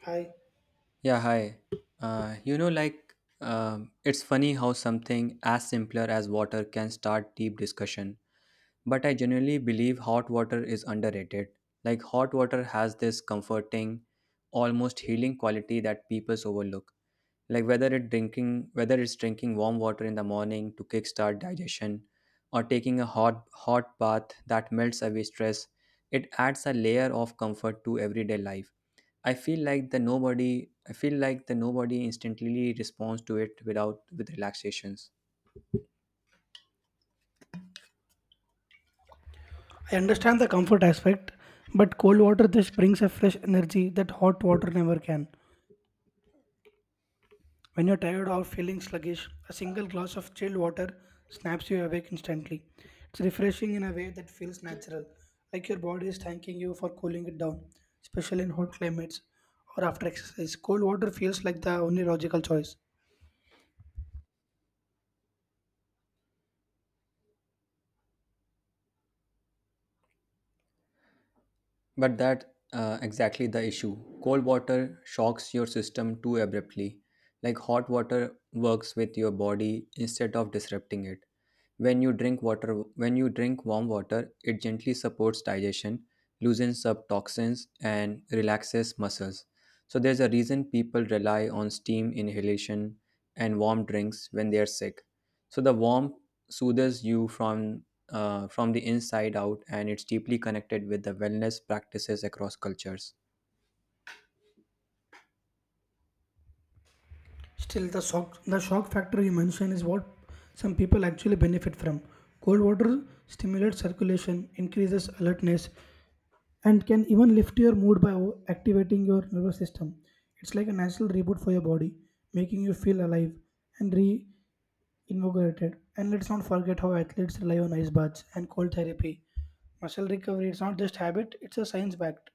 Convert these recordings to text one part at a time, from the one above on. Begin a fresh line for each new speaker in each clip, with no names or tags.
Hi.
Yeah, hi. Uh, you know, like, it's funny how something as simpler as water can start deep discussion. But I genuinely believe hot water is underrated. Like, hot water has this comforting, almost healing quality that people overlook. Whether it's drinking warm water in the morning to kickstart digestion, or taking a hot bath that melts away stress, it adds a layer of comfort to everyday life. I feel like the nobody instantly responds to it without with relaxations.
I understand the comfort aspect, but cold water just brings a fresh energy that hot water never can. When you're tired or feeling sluggish, a single glass of chilled water snaps you awake instantly. It's refreshing in a way that feels natural, like your body is thanking you for cooling it down, especially in hot climates or after exercise. Cold water feels like the only logical choice.
But that exactly the issue. Cold water shocks your system too abruptly. Like hot water works with your body instead of disrupting it. When you drink warm water, it gently supports digestion, loosens up toxins, and relaxes muscles. So there's a reason people rely on steam inhalation and warm drinks when they are sick. So the warmth soothes you from the inside out, and it's deeply connected with the wellness practices across cultures.
Still, the shock factor you mentioned is what some people actually benefit from. Cold water stimulates circulation, increases alertness, and can even lift your mood by activating your nervous system. It's like a natural reboot for your body, making you feel alive and reinvigorated. And let's not forget how athletes rely on ice baths and cold therapy. Muscle recovery is not just habit, it's a science backed.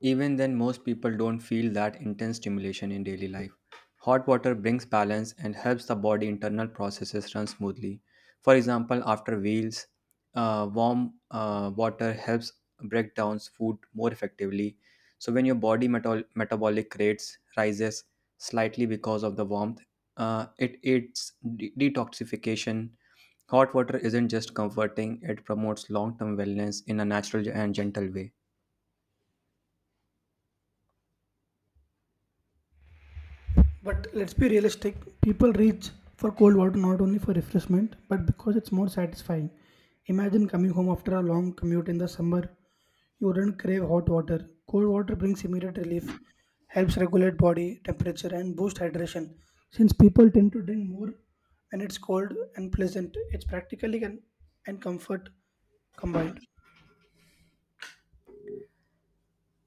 Even then, most people don't feel that intense stimulation in daily life. Hot water brings balance and helps the body internal processes run smoothly. For example, after meals, warm water helps break down food more effectively. So when your body metabolic rates rises slightly because of the warmth, it aids detoxification. Hot water isn't just comforting; it promotes long-term wellness in a natural and gentle way.
But let's be realistic. People reach for cold water not only for refreshment, but because it's more satisfying. Imagine coming home after a long commute in the summer. You wouldn't crave hot water. Cold water brings immediate relief, helps regulate body temperature, and boost hydration. Since people tend to drink more when it's cold and pleasant, it's practically and comfort combined.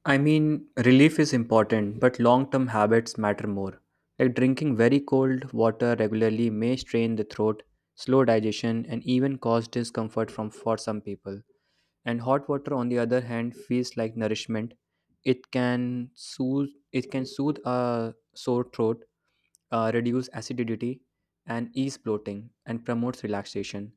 I mean, relief is important, but long term habits matter more. Like drinking very cold water regularly may strain the throat, slow digestion, and even cause discomfort for some people. And hot water, on the other hand, feels like nourishment. It can soothe a sore throat, reduce acidity and ease bloating and promotes relaxation,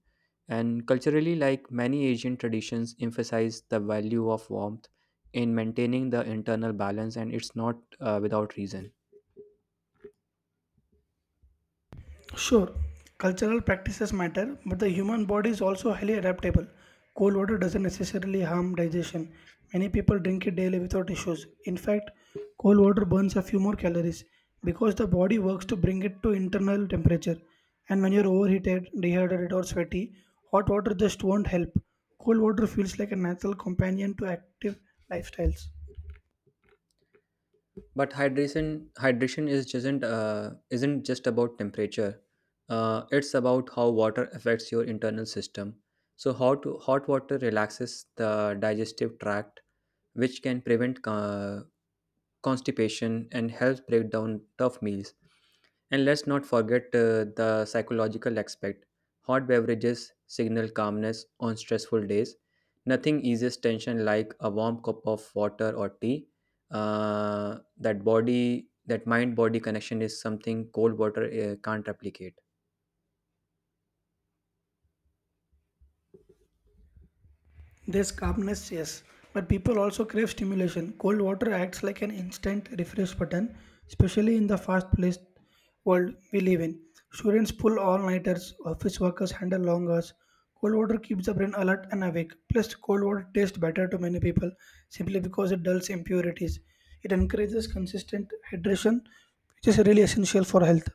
and culturally, like many asian traditions emphasize the value of warmth in maintaining the internal balance, and it's not without reason.
Sure, cultural practices matter, but the human body is also highly adaptable. Cold water doesn't necessarily harm digestion. Many people drink it daily without issues. In fact, cold water burns a few more calories because the body works to bring it to internal temperature. And when you're overheated, dehydrated, or sweaty, hot water just won't help. Cold water feels like a natural companion to active lifestyles.
But hydration Hydration is isn't just about temperature. It's about how water affects your internal system. So hot water relaxes the digestive tract, which can prevent constipation and helps break down tough meals. And let's not forget the psychological aspect. Hot beverages signal calmness on stressful days. Nothing eases tension like a warm cup of water or tea. That body, that mind body connection is something cold water can't replicate.
There's calmness, yes, but people also crave stimulation. Cold water acts like an instant refresh button, especially in the fast-paced world we live in. Students pull all-nighters, office workers handle long hours. Cold water keeps the brain alert and awake. Plus, cold water tastes better to many people simply because it dulls impurities. It encourages consistent hydration, which is really essential for health.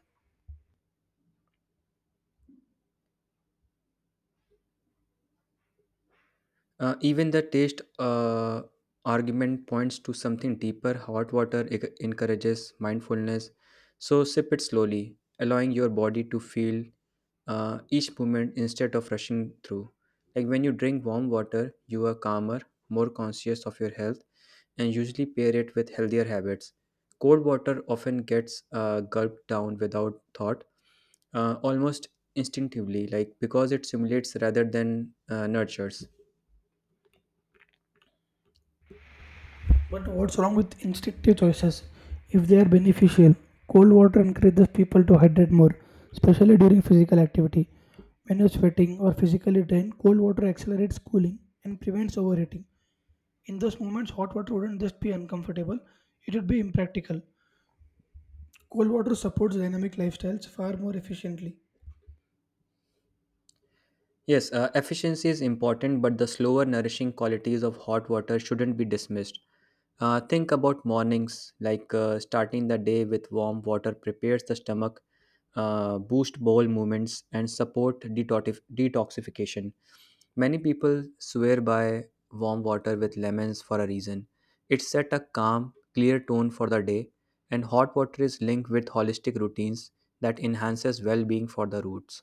Even the taste argument points to something deeper. Hot water encourages mindfulness, so sip it slowly, allowing your body to feel each moment instead of rushing through. Like when you drink warm water, you are calmer, more conscious of your health, and usually pair it with healthier habits. Cold water often gets gulped down without thought, almost instinctively, like because it simulates rather than nurtures.
But what's wrong with instinctive choices? If they are beneficial, cold water encourages people to hydrate more, especially during physical activity. When you're sweating or physically drained, cold water accelerates cooling and prevents overheating. In those moments, hot water wouldn't just be uncomfortable, it would be impractical. Cold water supports dynamic lifestyles far more efficiently.
Yes, efficiency is important, but the slower nourishing qualities of hot water shouldn't be dismissed. Think about mornings, like starting the day with warm water prepares the stomach, boost bowel movements, and support detoxification. Many people swear by warm water with lemons for a reason. It set a calm, clear tone for the day, and hot water is linked with holistic routines that enhances well-being for the roots.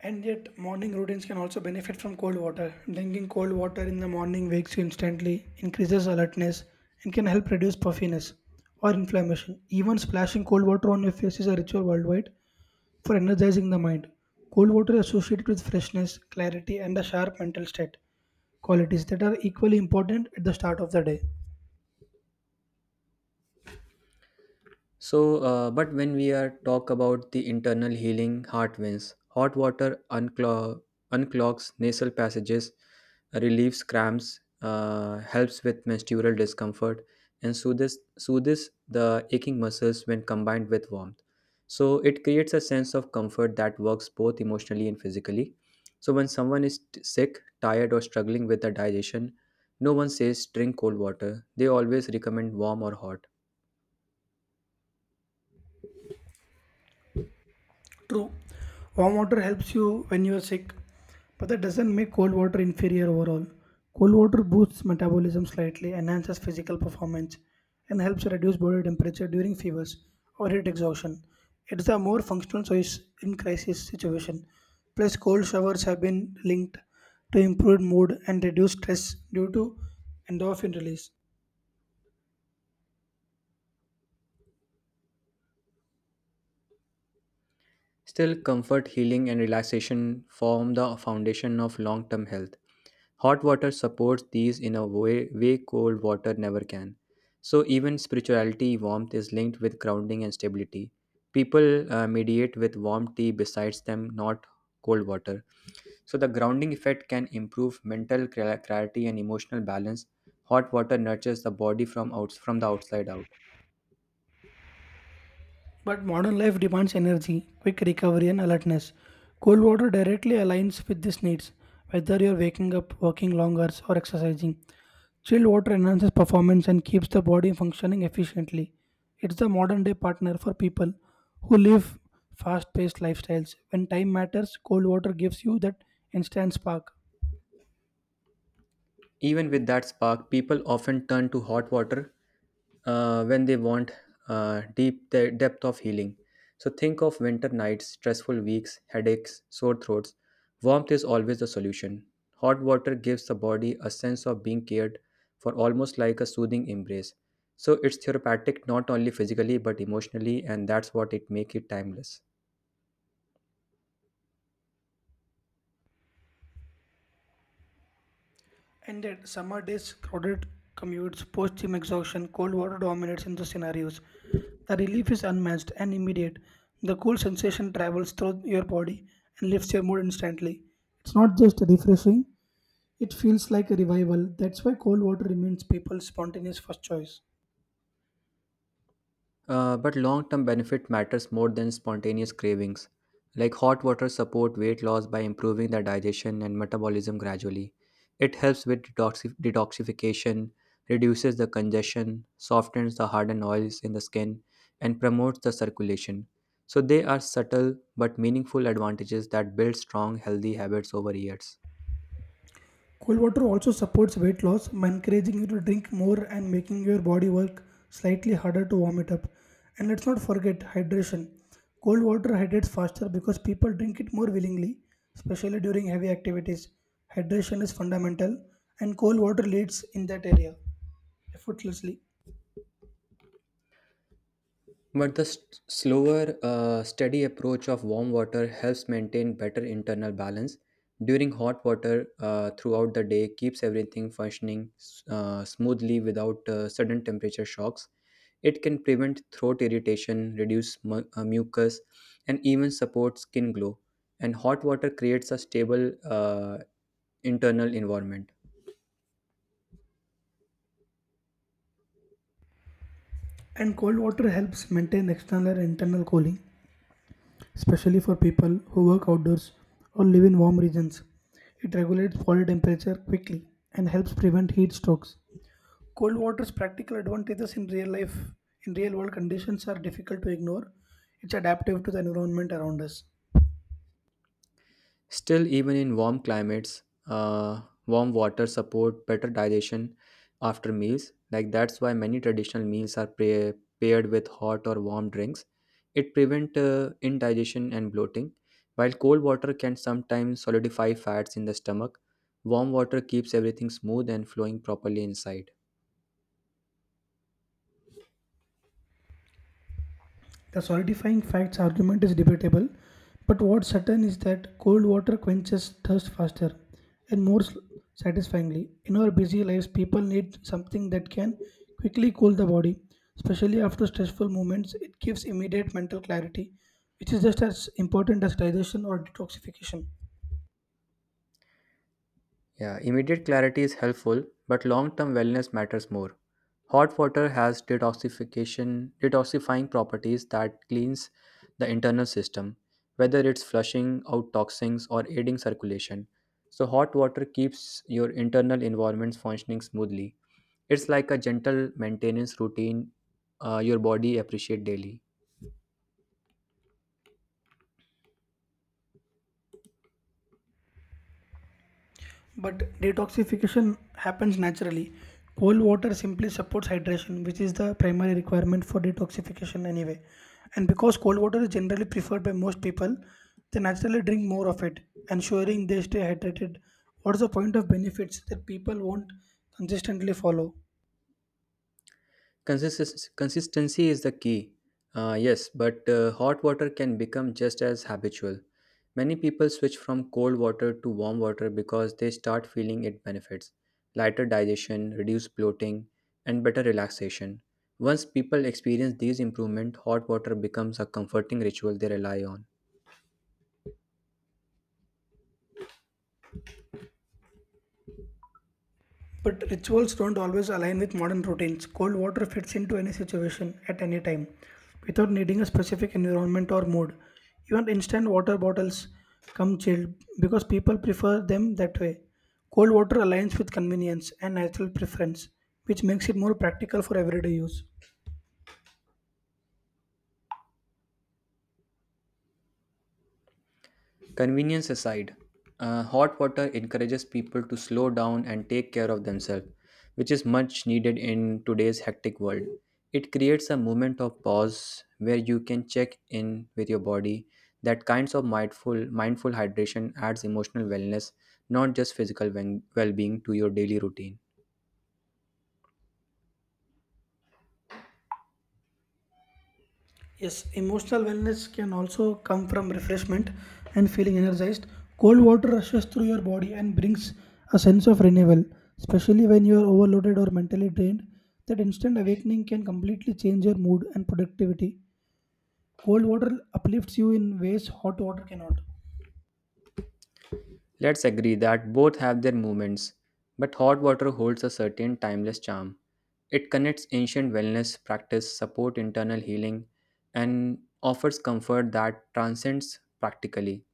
And yet, morning routines can also benefit from cold water. Drinking cold water in the morning wakes you instantly, increases alertness, and can help reduce puffiness or inflammation. Even splashing cold water on your face is a ritual worldwide for energizing the mind. Cold water is associated with freshness, clarity, and a sharp mental state, qualities that are equally important at the start of the day.
So, but when we are talk about the internal healing, heart wins. Unclogs nasal passages, relieves cramps, helps with menstrual discomfort, and soothes the aching muscles when combined with warmth. So it creates a sense of comfort that works both emotionally and physically. So when someone is sick, tired, or struggling with the digestion, no one says drink cold water. They always recommend warm or hot.
True, warm water helps you when you are sick, but that doesn't make cold water inferior overall. Cold water boosts metabolism slightly, enhances physical performance, and helps reduce body temperature during fevers or heat exhaustion. It's a more functional choice in crisis situation. Plus, cold showers have been linked to improved mood and reduced stress due to endorphin release.
Still, comfort, healing, and relaxation form the foundation of long term health. Hot water supports these in a way cold water never can. So, even spirituality, warmth is linked with grounding and stability. People mediate with warm tea besides them, not cold water. So, the grounding effect can improve mental clarity and emotional balance. Hot water nurtures the body from, from the outside out.
But modern life demands energy, quick recovery, and alertness. Cold water directly aligns with these needs, whether you're waking up, working long hours, or exercising. Chilled water enhances performance and keeps the body functioning efficiently. It's the modern day partner for people who live fast paced lifestyles. When time matters, cold water gives you that instant spark.
Even with that spark, people often turn to hot water when they want deep the depth of healing. So think of winter nights, stressful weeks, headaches, sore throats. Warmth is always the solution. Hot water gives the body a sense of being cared for, almost like a soothing embrace. So it's therapeutic not only physically but emotionally, and that's what it makes it timeless.
Ended summer days, crowded commutes, post gym exhaustion, cold water dominates in the scenarios. The relief is unmatched and immediate. The cool sensation travels through your body and lifts your mood instantly. It's not just refreshing, it feels like a revival. That's why cold water remains people's spontaneous first choice.
But long term benefit matters more than spontaneous cravings. Like hot water support weight loss by improving the digestion and metabolism gradually. It helps with detoxification, reduces the congestion, softens the hardened oils in the skin, and promotes the circulation. So they are subtle but meaningful advantages that build strong, healthy habits over years.
Cold water also supports weight loss by encouraging you to drink more and making your body work slightly harder to warm it up. And let's not forget hydration. Cold water hydrates faster because people drink it more willingly, especially during heavy activities. Hydration is fundamental, and cold water leads in that area effortlessly.
But the slower, steady approach of warm water helps maintain better internal balance. During hot water throughout the day keeps everything functioning smoothly without sudden temperature shocks. It can prevent throat irritation, reduce mucus, and even support skin glow. And hot water creates a stable internal environment.
And cold water helps maintain external and internal cooling, especially for people who work outdoors or live in warm regions. It regulates body temperature quickly and helps prevent heat strokes. Cold water's practical advantages in real life, in real world conditions, are difficult to ignore. It's adaptive to the environment around us.
Still, even in warm climates, warm water support better digestion after meals. Like that's why many traditional meals are paired with hot or warm drinks. It prevent indigestion and bloating. While cold water can sometimes solidify fats in the stomach, warm water keeps everything smooth and flowing properly inside.
The solidifying facts argument is debatable, but what's certain is that cold water quenches thirst faster and more satisfyingly. In our busy lives, people need something that can quickly cool the body, especially after stressful moments. It gives immediate mental clarity, which is just as important as digestion or detoxification.
Yeah, immediate clarity is helpful, but long-term wellness matters more. Hot water has detoxification, detoxifying properties that cleans the internal system, whether it's flushing out toxins or aiding circulation. So hot water keeps your internal environments functioning smoothly. It's like a gentle maintenance routine your body appreciate daily.
But detoxification happens naturally. Cold water simply supports hydration, which is the primary requirement for detoxification anyway. And because cold water is generally preferred by most people, they naturally drink more of it, ensuring they stay hydrated. What's the point of benefits that people won't consistently follow?
Consist- consistency is the key. Yes, but hot water can become just as habitual. Many people switch from cold water to warm water because they start feeling its benefits: lighter digestion, reduced bloating, and better relaxation. Once people experience these improvements, hot water becomes a comforting ritual they rely on.
But rituals don't always align with modern routines. Cold water fits into any situation at any time without needing a specific environment or mood. Even instant water bottles come chilled because people prefer them that way. Cold water aligns with convenience and natural preference, which makes it more practical for everyday use.
Convenience aside, hot water encourages people to slow down and take care of themselves, which is much needed in today's hectic world. It creates a moment of pause where you can check in with your body. That kinds of mindful hydration adds emotional wellness, not just physical well being, to your daily routine.
Yes, emotional wellness can also come from refreshment and feeling energized. Cold water rushes through your body and brings a sense of renewal, especially when you are overloaded or mentally drained. That instant awakening can completely change your mood and productivity. Cold water uplifts you in ways hot water cannot.
Let's agree that both have their moments, but hot water holds a certain timeless charm. It connects ancient wellness practice, support internal healing, and offers comfort that transcends practically.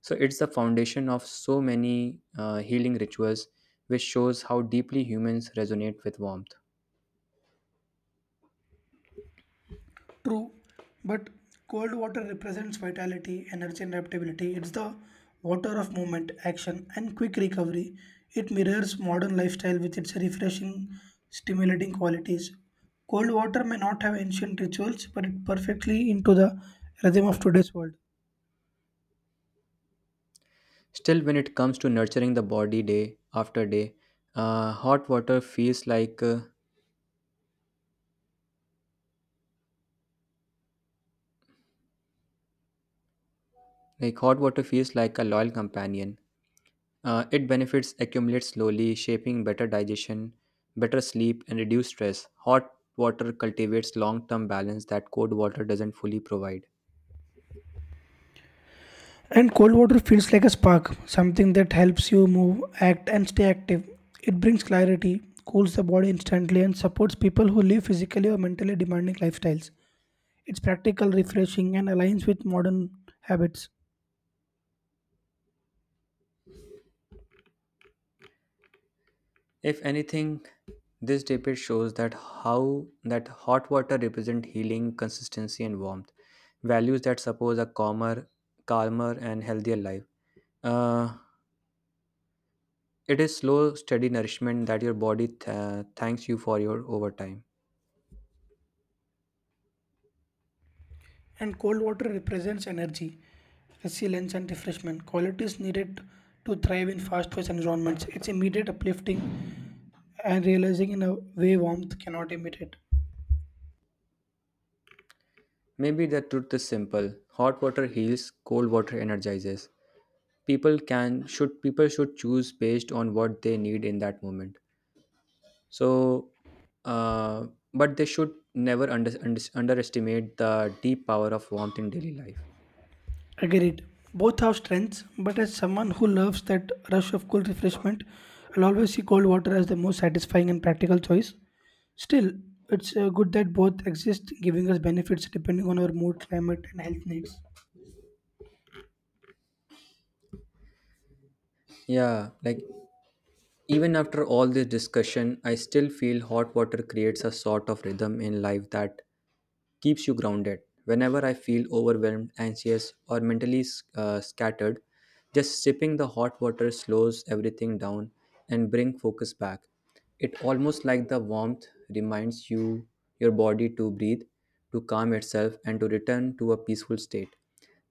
So it's the foundation of so many healing rituals, which shows how deeply humans resonate with warmth.
True, but cold water represents vitality, energy, and adaptability. It's the water of movement, action, and quick recovery. It mirrors modern lifestyle with its refreshing, stimulating qualities. Cold water may not have ancient rituals, but it perfectly into the rhythm of today's world.
Still, when it comes to nurturing the body day after day, uh, hot water feels like uh, hot water feels like a loyal companion. It benefits accumulate slowly, shaping better digestion, better sleep, and reduced stress. Hot water cultivates long term balance that cold water doesn't fully provide.
And cold water feels like a spark, something that helps you move, act, and stay active. It brings clarity, cools the body instantly, and supports people who live physically or mentally demanding lifestyles. It's practical, refreshing, and aligns with modern habits.
If anything, this debate shows that how that hot water represents healing, consistency, and warmth, values that support a calmer and healthier life. Uh, it is slow, steady nourishment that your body thanks you for your overtime.
And cold water represents energy, resilience, and refreshment qualities needed to thrive in fast paced environments. It's immediate uplifting and realizing in a way warmth cannot imitate.
Maybe the truth is simple: hot water heals, cold water energizes. People should choose based on what they need in that moment. So uh, but They should never underestimate the deep power of warmth in daily life.
Agreed. Both have strengths, but as someone who loves that rush of cool refreshment, I'll always see cold water as the most satisfying and practical choice. Still, it's good that both exist, giving us benefits depending on our mood, climate, and health needs.
yeah like Even after all this discussion, I still feel hot water creates a sort of rhythm in life that keeps you grounded. Whenever I feel overwhelmed, anxious, or mentally scattered, just sipping the hot water slows everything down and bring focus back. It almost like the warmth reminds you your body to breathe, to calm itself and to return to a peaceful state.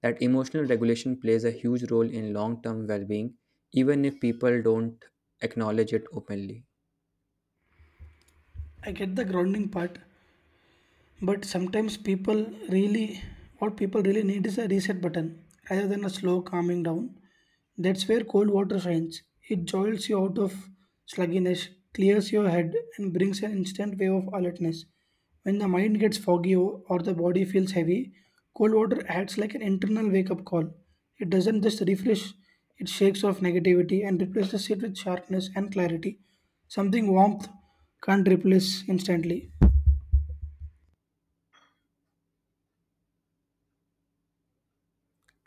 That emotional regulation plays a huge role in long-term well-being, even if people don't acknowledge it openly.
I get the grounding part, but sometimes people really what people really need is a reset button rather than a slow calming down. That's where cold water shines. It jolts you out of sluggishness, clears your head, and brings an instant wave of alertness. When the mind gets foggy or the body feels heavy, cold water acts like an internal wake up call. It doesn't just refresh, it shakes off negativity and replaces it with sharpness and clarity, something warmth can't replace instantly.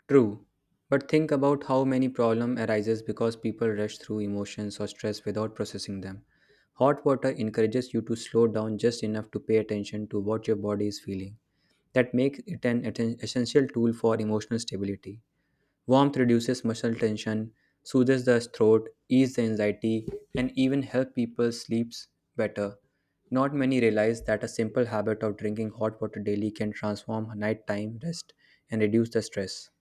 True, but think about how many problem arises because people rush through emotions or stress without processing them. Hot water encourages you to slow down just enough to pay attention to what your body is feeling. That makes it an essential tool for emotional stability. Warmth reduces muscle tension, soothes the throat, eases the anxiety, and even help people sleep better. Not many realize that a simple habit of drinking hot water daily can transform nighttime rest and reduce the stress.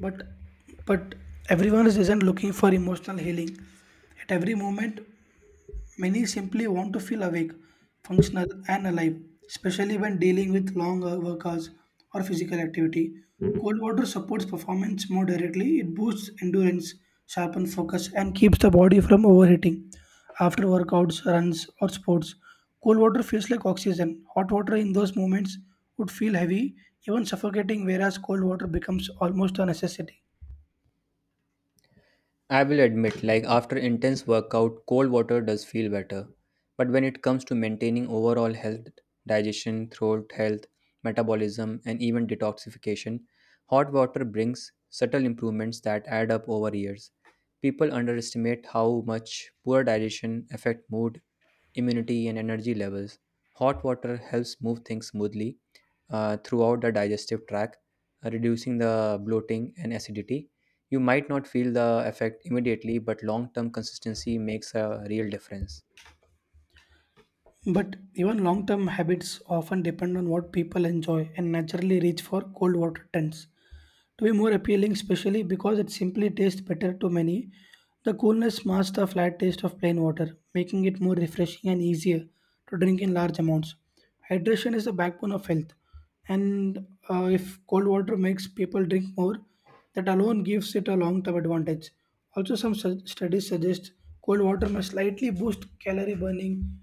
But but everyone is isn't looking for emotional healing at every moment. Many simply want to feel awake, functional, and alive, especially when dealing with long work hours or physical activity. Cold water supports performance more directly. It boosts endurance, sharpens focus, and keeps the body from overheating. After workouts, runs, or sports, cold water feels like oxygen. Hot water in those moments would feel heavy, even suffocating, whereas cold water becomes almost a necessity.
I will admit, like after intense workout, cold water does feel better. But when it comes to maintaining overall health, digestion, throat health, metabolism, and even detoxification, hot water brings subtle improvements that add up over years. People underestimate how much poor digestion affect mood, immunity, and energy levels. Hot water helps move things smoothly throughout the digestive tract, reducing the bloating and acidity. You might not feel the effect immediately, but long term consistency makes a real difference.
But even long term habits often depend on what people enjoy and naturally reach for. Cold water trends to be more appealing, especially because it simply tastes better to many. The coolness masks the flat taste of plain water, making it more refreshing and easier to drink in large amounts. Hydration is the backbone of health, and if cold water makes people drink more, that alone gives it a long term advantage. Also, some studies suggest cold water may slightly boost calorie burning,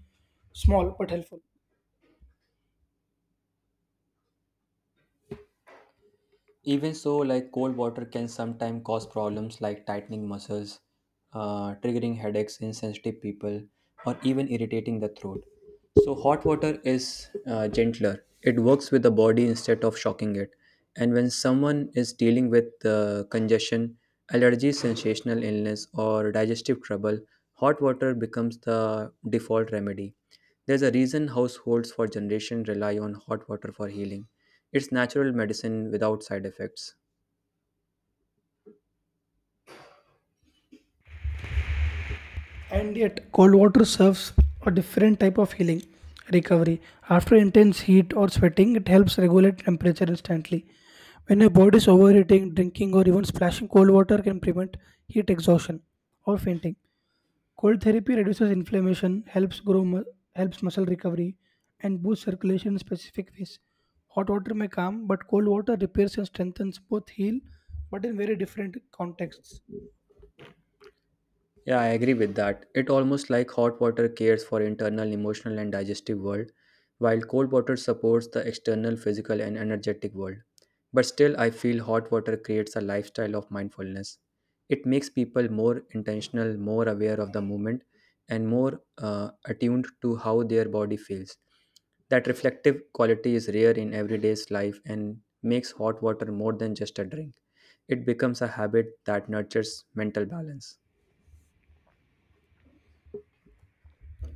small but helpful.
Even so, like cold water can sometimes cause problems like tightening muscles, triggering headaches in sensitive people, or even irritating the throat. So, hot water is gentler. It works with the body instead of shocking it. And when someone is dealing with congestion, allergy, sensational illness, or digestive trouble, hot water becomes the default remedy. There's a reason households for generation rely on hot water for healing. It's natural medicine without side effects.
And yet, cold water serves a different type of healing recovery. After intense heat or sweating, it helps regulate temperature instantly. When your body is overheating, drinking, or even splashing cold water can prevent heat exhaustion or fainting. Cold therapy reduces inflammation, helps muscle recovery, and boosts circulation in specific ways. Hot water may calm, but cold water repairs and strengthens. Both heal, but in very different contexts.
Yeah, I agree with that. It almost like hot water cares for internal emotional and digestive world, while cold water supports the external physical and energetic world. But still I feel hot water creates a lifestyle of mindfulness. It makes people more intentional, more aware of the moment and more attuned to how their body feels. That reflective quality is rare in everyday's life and makes hot water more than just a drink. It becomes a habit that nurtures mental balance.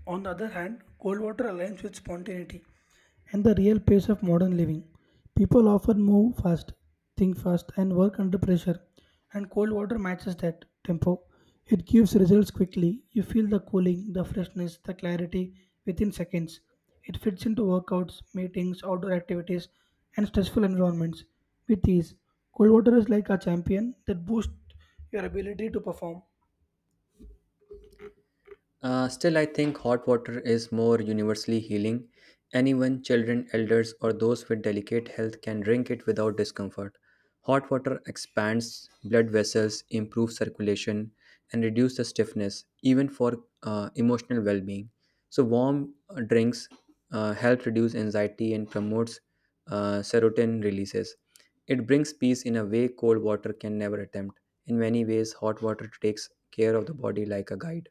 On the other hand, cold water aligns with spontaneity and the real pace of modern living. People often move fast, think fast, and work under pressure, and cold water matches that tempo. It gives results quickly. You feel the cooling, the freshness, the clarity within seconds. It fits into workouts, meetings, outdoor activities, and stressful environments with ease. Cold water is like a champion that boosts your ability to perform.
Still, I think hot water is more universally healing. Anyone, children, elders, or those with delicate health can drink it without discomfort. Hot water expands blood vessels, improves circulation, and reduces the stiffness, even for emotional well being. So, warm drinks help reduce anxiety and promotes serotonin releases. It brings peace in a way cold water can never attempt. In many ways, hot water takes care of the body like a guide.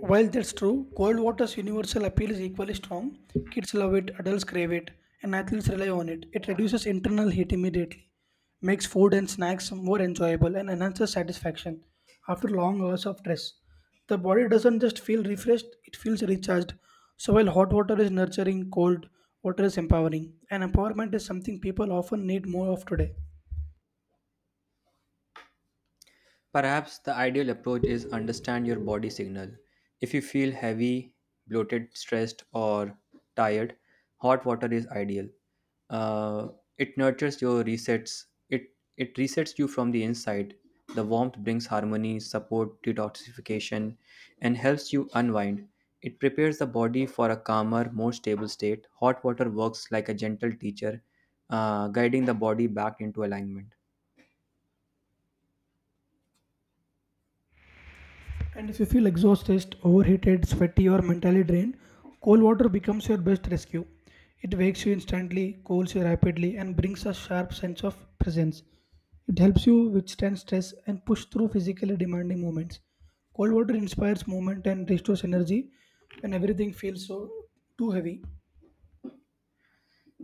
While that's true, cold water's universal appeal is equally strong. Kids love it, adults crave it, and athletes rely on it. It reduces internal heat immediately, makes food and snacks more enjoyable, and enhances satisfaction after long hours of stress. The body doesn't just feel refreshed, it feels recharged. So while hot water is nurturing, cold water is empowering, and empowerment is something people often need more of today.
Perhaps the ideal approach is understand your body signal. If you feel heavy, bloated, stressed, or tired, hot water is ideal. Uh, it nurtures your resets. It resets you from the inside. The warmth brings harmony, support detoxification, and helps you unwind. It prepares the body for a calmer, more stable state. Hot water works like a gentle teacher, guiding the body back into alignment.
And if you feel exhausted, overheated, sweaty, or mentally drained, cold water becomes your best rescue. It wakes you instantly, cools you rapidly, and brings a sharp sense of presence. It helps you withstand stress and push through physically demanding moments. Cold water inspires movement and restores energy when everything feels too heavy.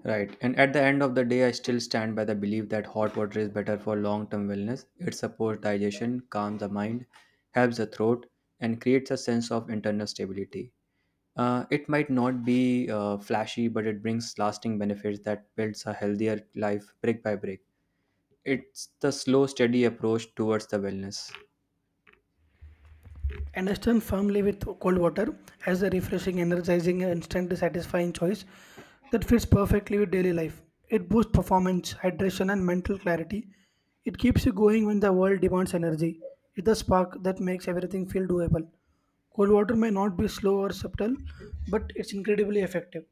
Right. And at the end of the day, I still stand by the belief that hot water is better for long term wellness. It supports digestion, calms the mind, helps the throat, and creates a sense of internal stability. It might not be flashy, but it brings lasting benefits that builds a healthier life brick by brick. It's the slow, steady approach towards the wellness.
And I stand firmly with cold water as a refreshing, energizing, and instantly satisfying choice that fits perfectly with daily life. It boosts performance, hydration, and mental clarity. It keeps you going when the world demands energy. It's the spark that makes everything feel doable. Cold water may not be slow or subtle, but it's incredibly effective.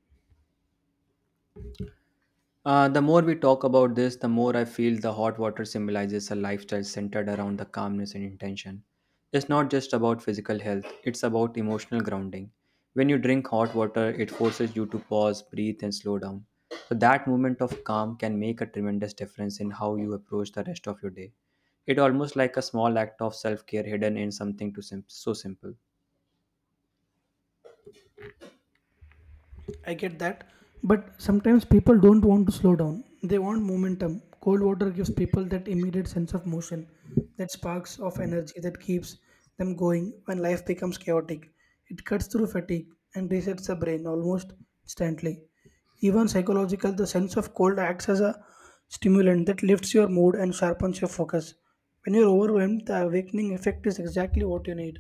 The more we talk about this, the more I feel the hot water symbolizes a lifestyle centered around the calmness and intention. It's not just about physical health, it's about emotional grounding. When you drink hot water, it forces you to pause, breathe, and slow down. So, that moment of calm can make a tremendous difference in how you approach the rest of your day. It almost like a small act of self care hidden in something so simple.
I get that. But sometimes people don't want to slow down. They want momentum. Cold water gives people that immediate sense of motion, that sparks of energy that keeps them going when life becomes chaotic. It cuts through fatigue and resets the brain almost instantly. Even psychological, the sense of cold acts as a stimulant that lifts your mood and sharpens your focus. When you're overwhelmed, the awakening effect is exactly what you need.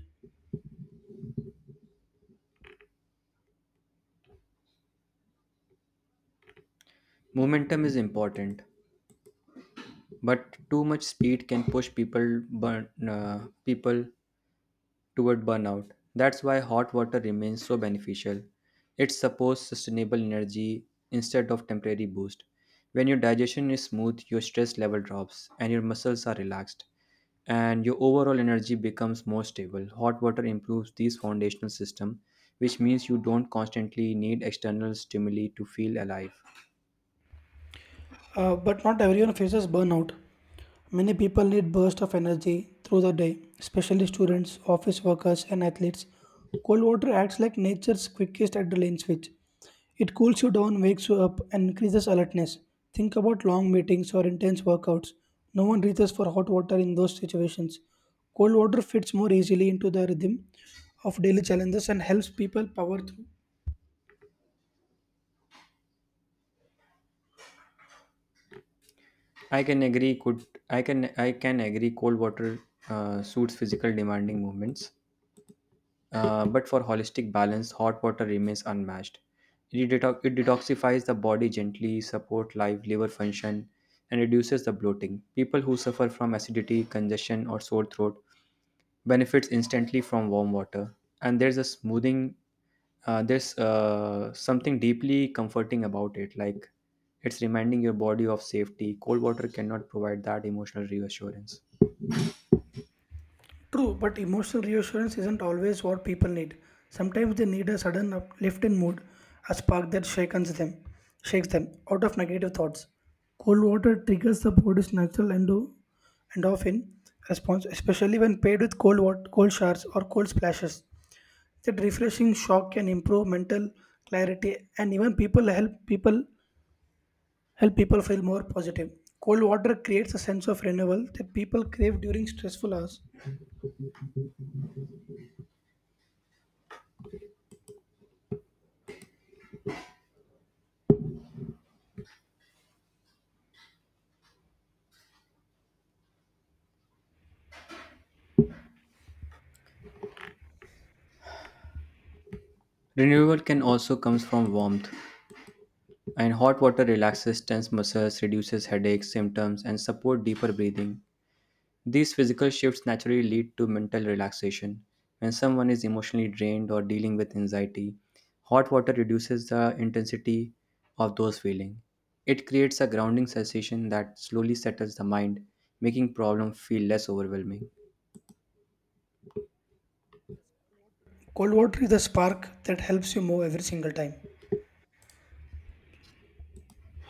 Momentum is important, but too much speed can push people toward burnout. That's why hot water remains so beneficial. It supports sustainable energy instead of temporary boost. When your digestion is smooth, your stress level drops and your muscles are relaxed and your overall energy becomes more stable. Hot water improves these foundational system, which means you don't constantly need external stimuli to feel alive.
But not everyone faces burnout. Many people need bursts of energy through the day, especially students, office workers, and athletes. Cold water acts like nature's quickest adrenaline switch. It cools you down, wakes you up, and increases alertness. Think about long meetings or intense workouts. No one reaches for hot water in those situations. Cold water fits more easily into the rhythm of daily challenges and helps people power through.
I can agree. Cold water suits physical demanding movements, but for holistic balance, hot water remains unmatched. It detoxifies the body gently, supports live liver function, and reduces the bloating. People who suffer from acidity, congestion, or sore throat benefits instantly from warm water. And there's a smoothing. There's something deeply comforting about it. Like it's reminding your body of safety. Cold water cannot provide that emotional reassurance.
True, but emotional reassurance isn't always what people need. Sometimes they need a sudden uplift in mood, a spark that shakes them out of negative thoughts. Cold water triggers the body's natural endorphin response, especially when paired with cold water, cold showers or cold splashes. That refreshing shock can improve mental clarity and even people help people help people feel more positive. Cold water creates a sense of renewal that people crave during stressful hours.
Renewal can also comes from warmth. And hot water relaxes tense muscles, reduces headache symptoms, and support deeper breathing. These physical shifts naturally lead to mental relaxation. When someone is emotionally drained or dealing with anxiety, hot water reduces the intensity of those feelings. It creates a grounding sensation that slowly settles the mind, making problems feel less overwhelming.
Cold water is the spark that helps you move every single time.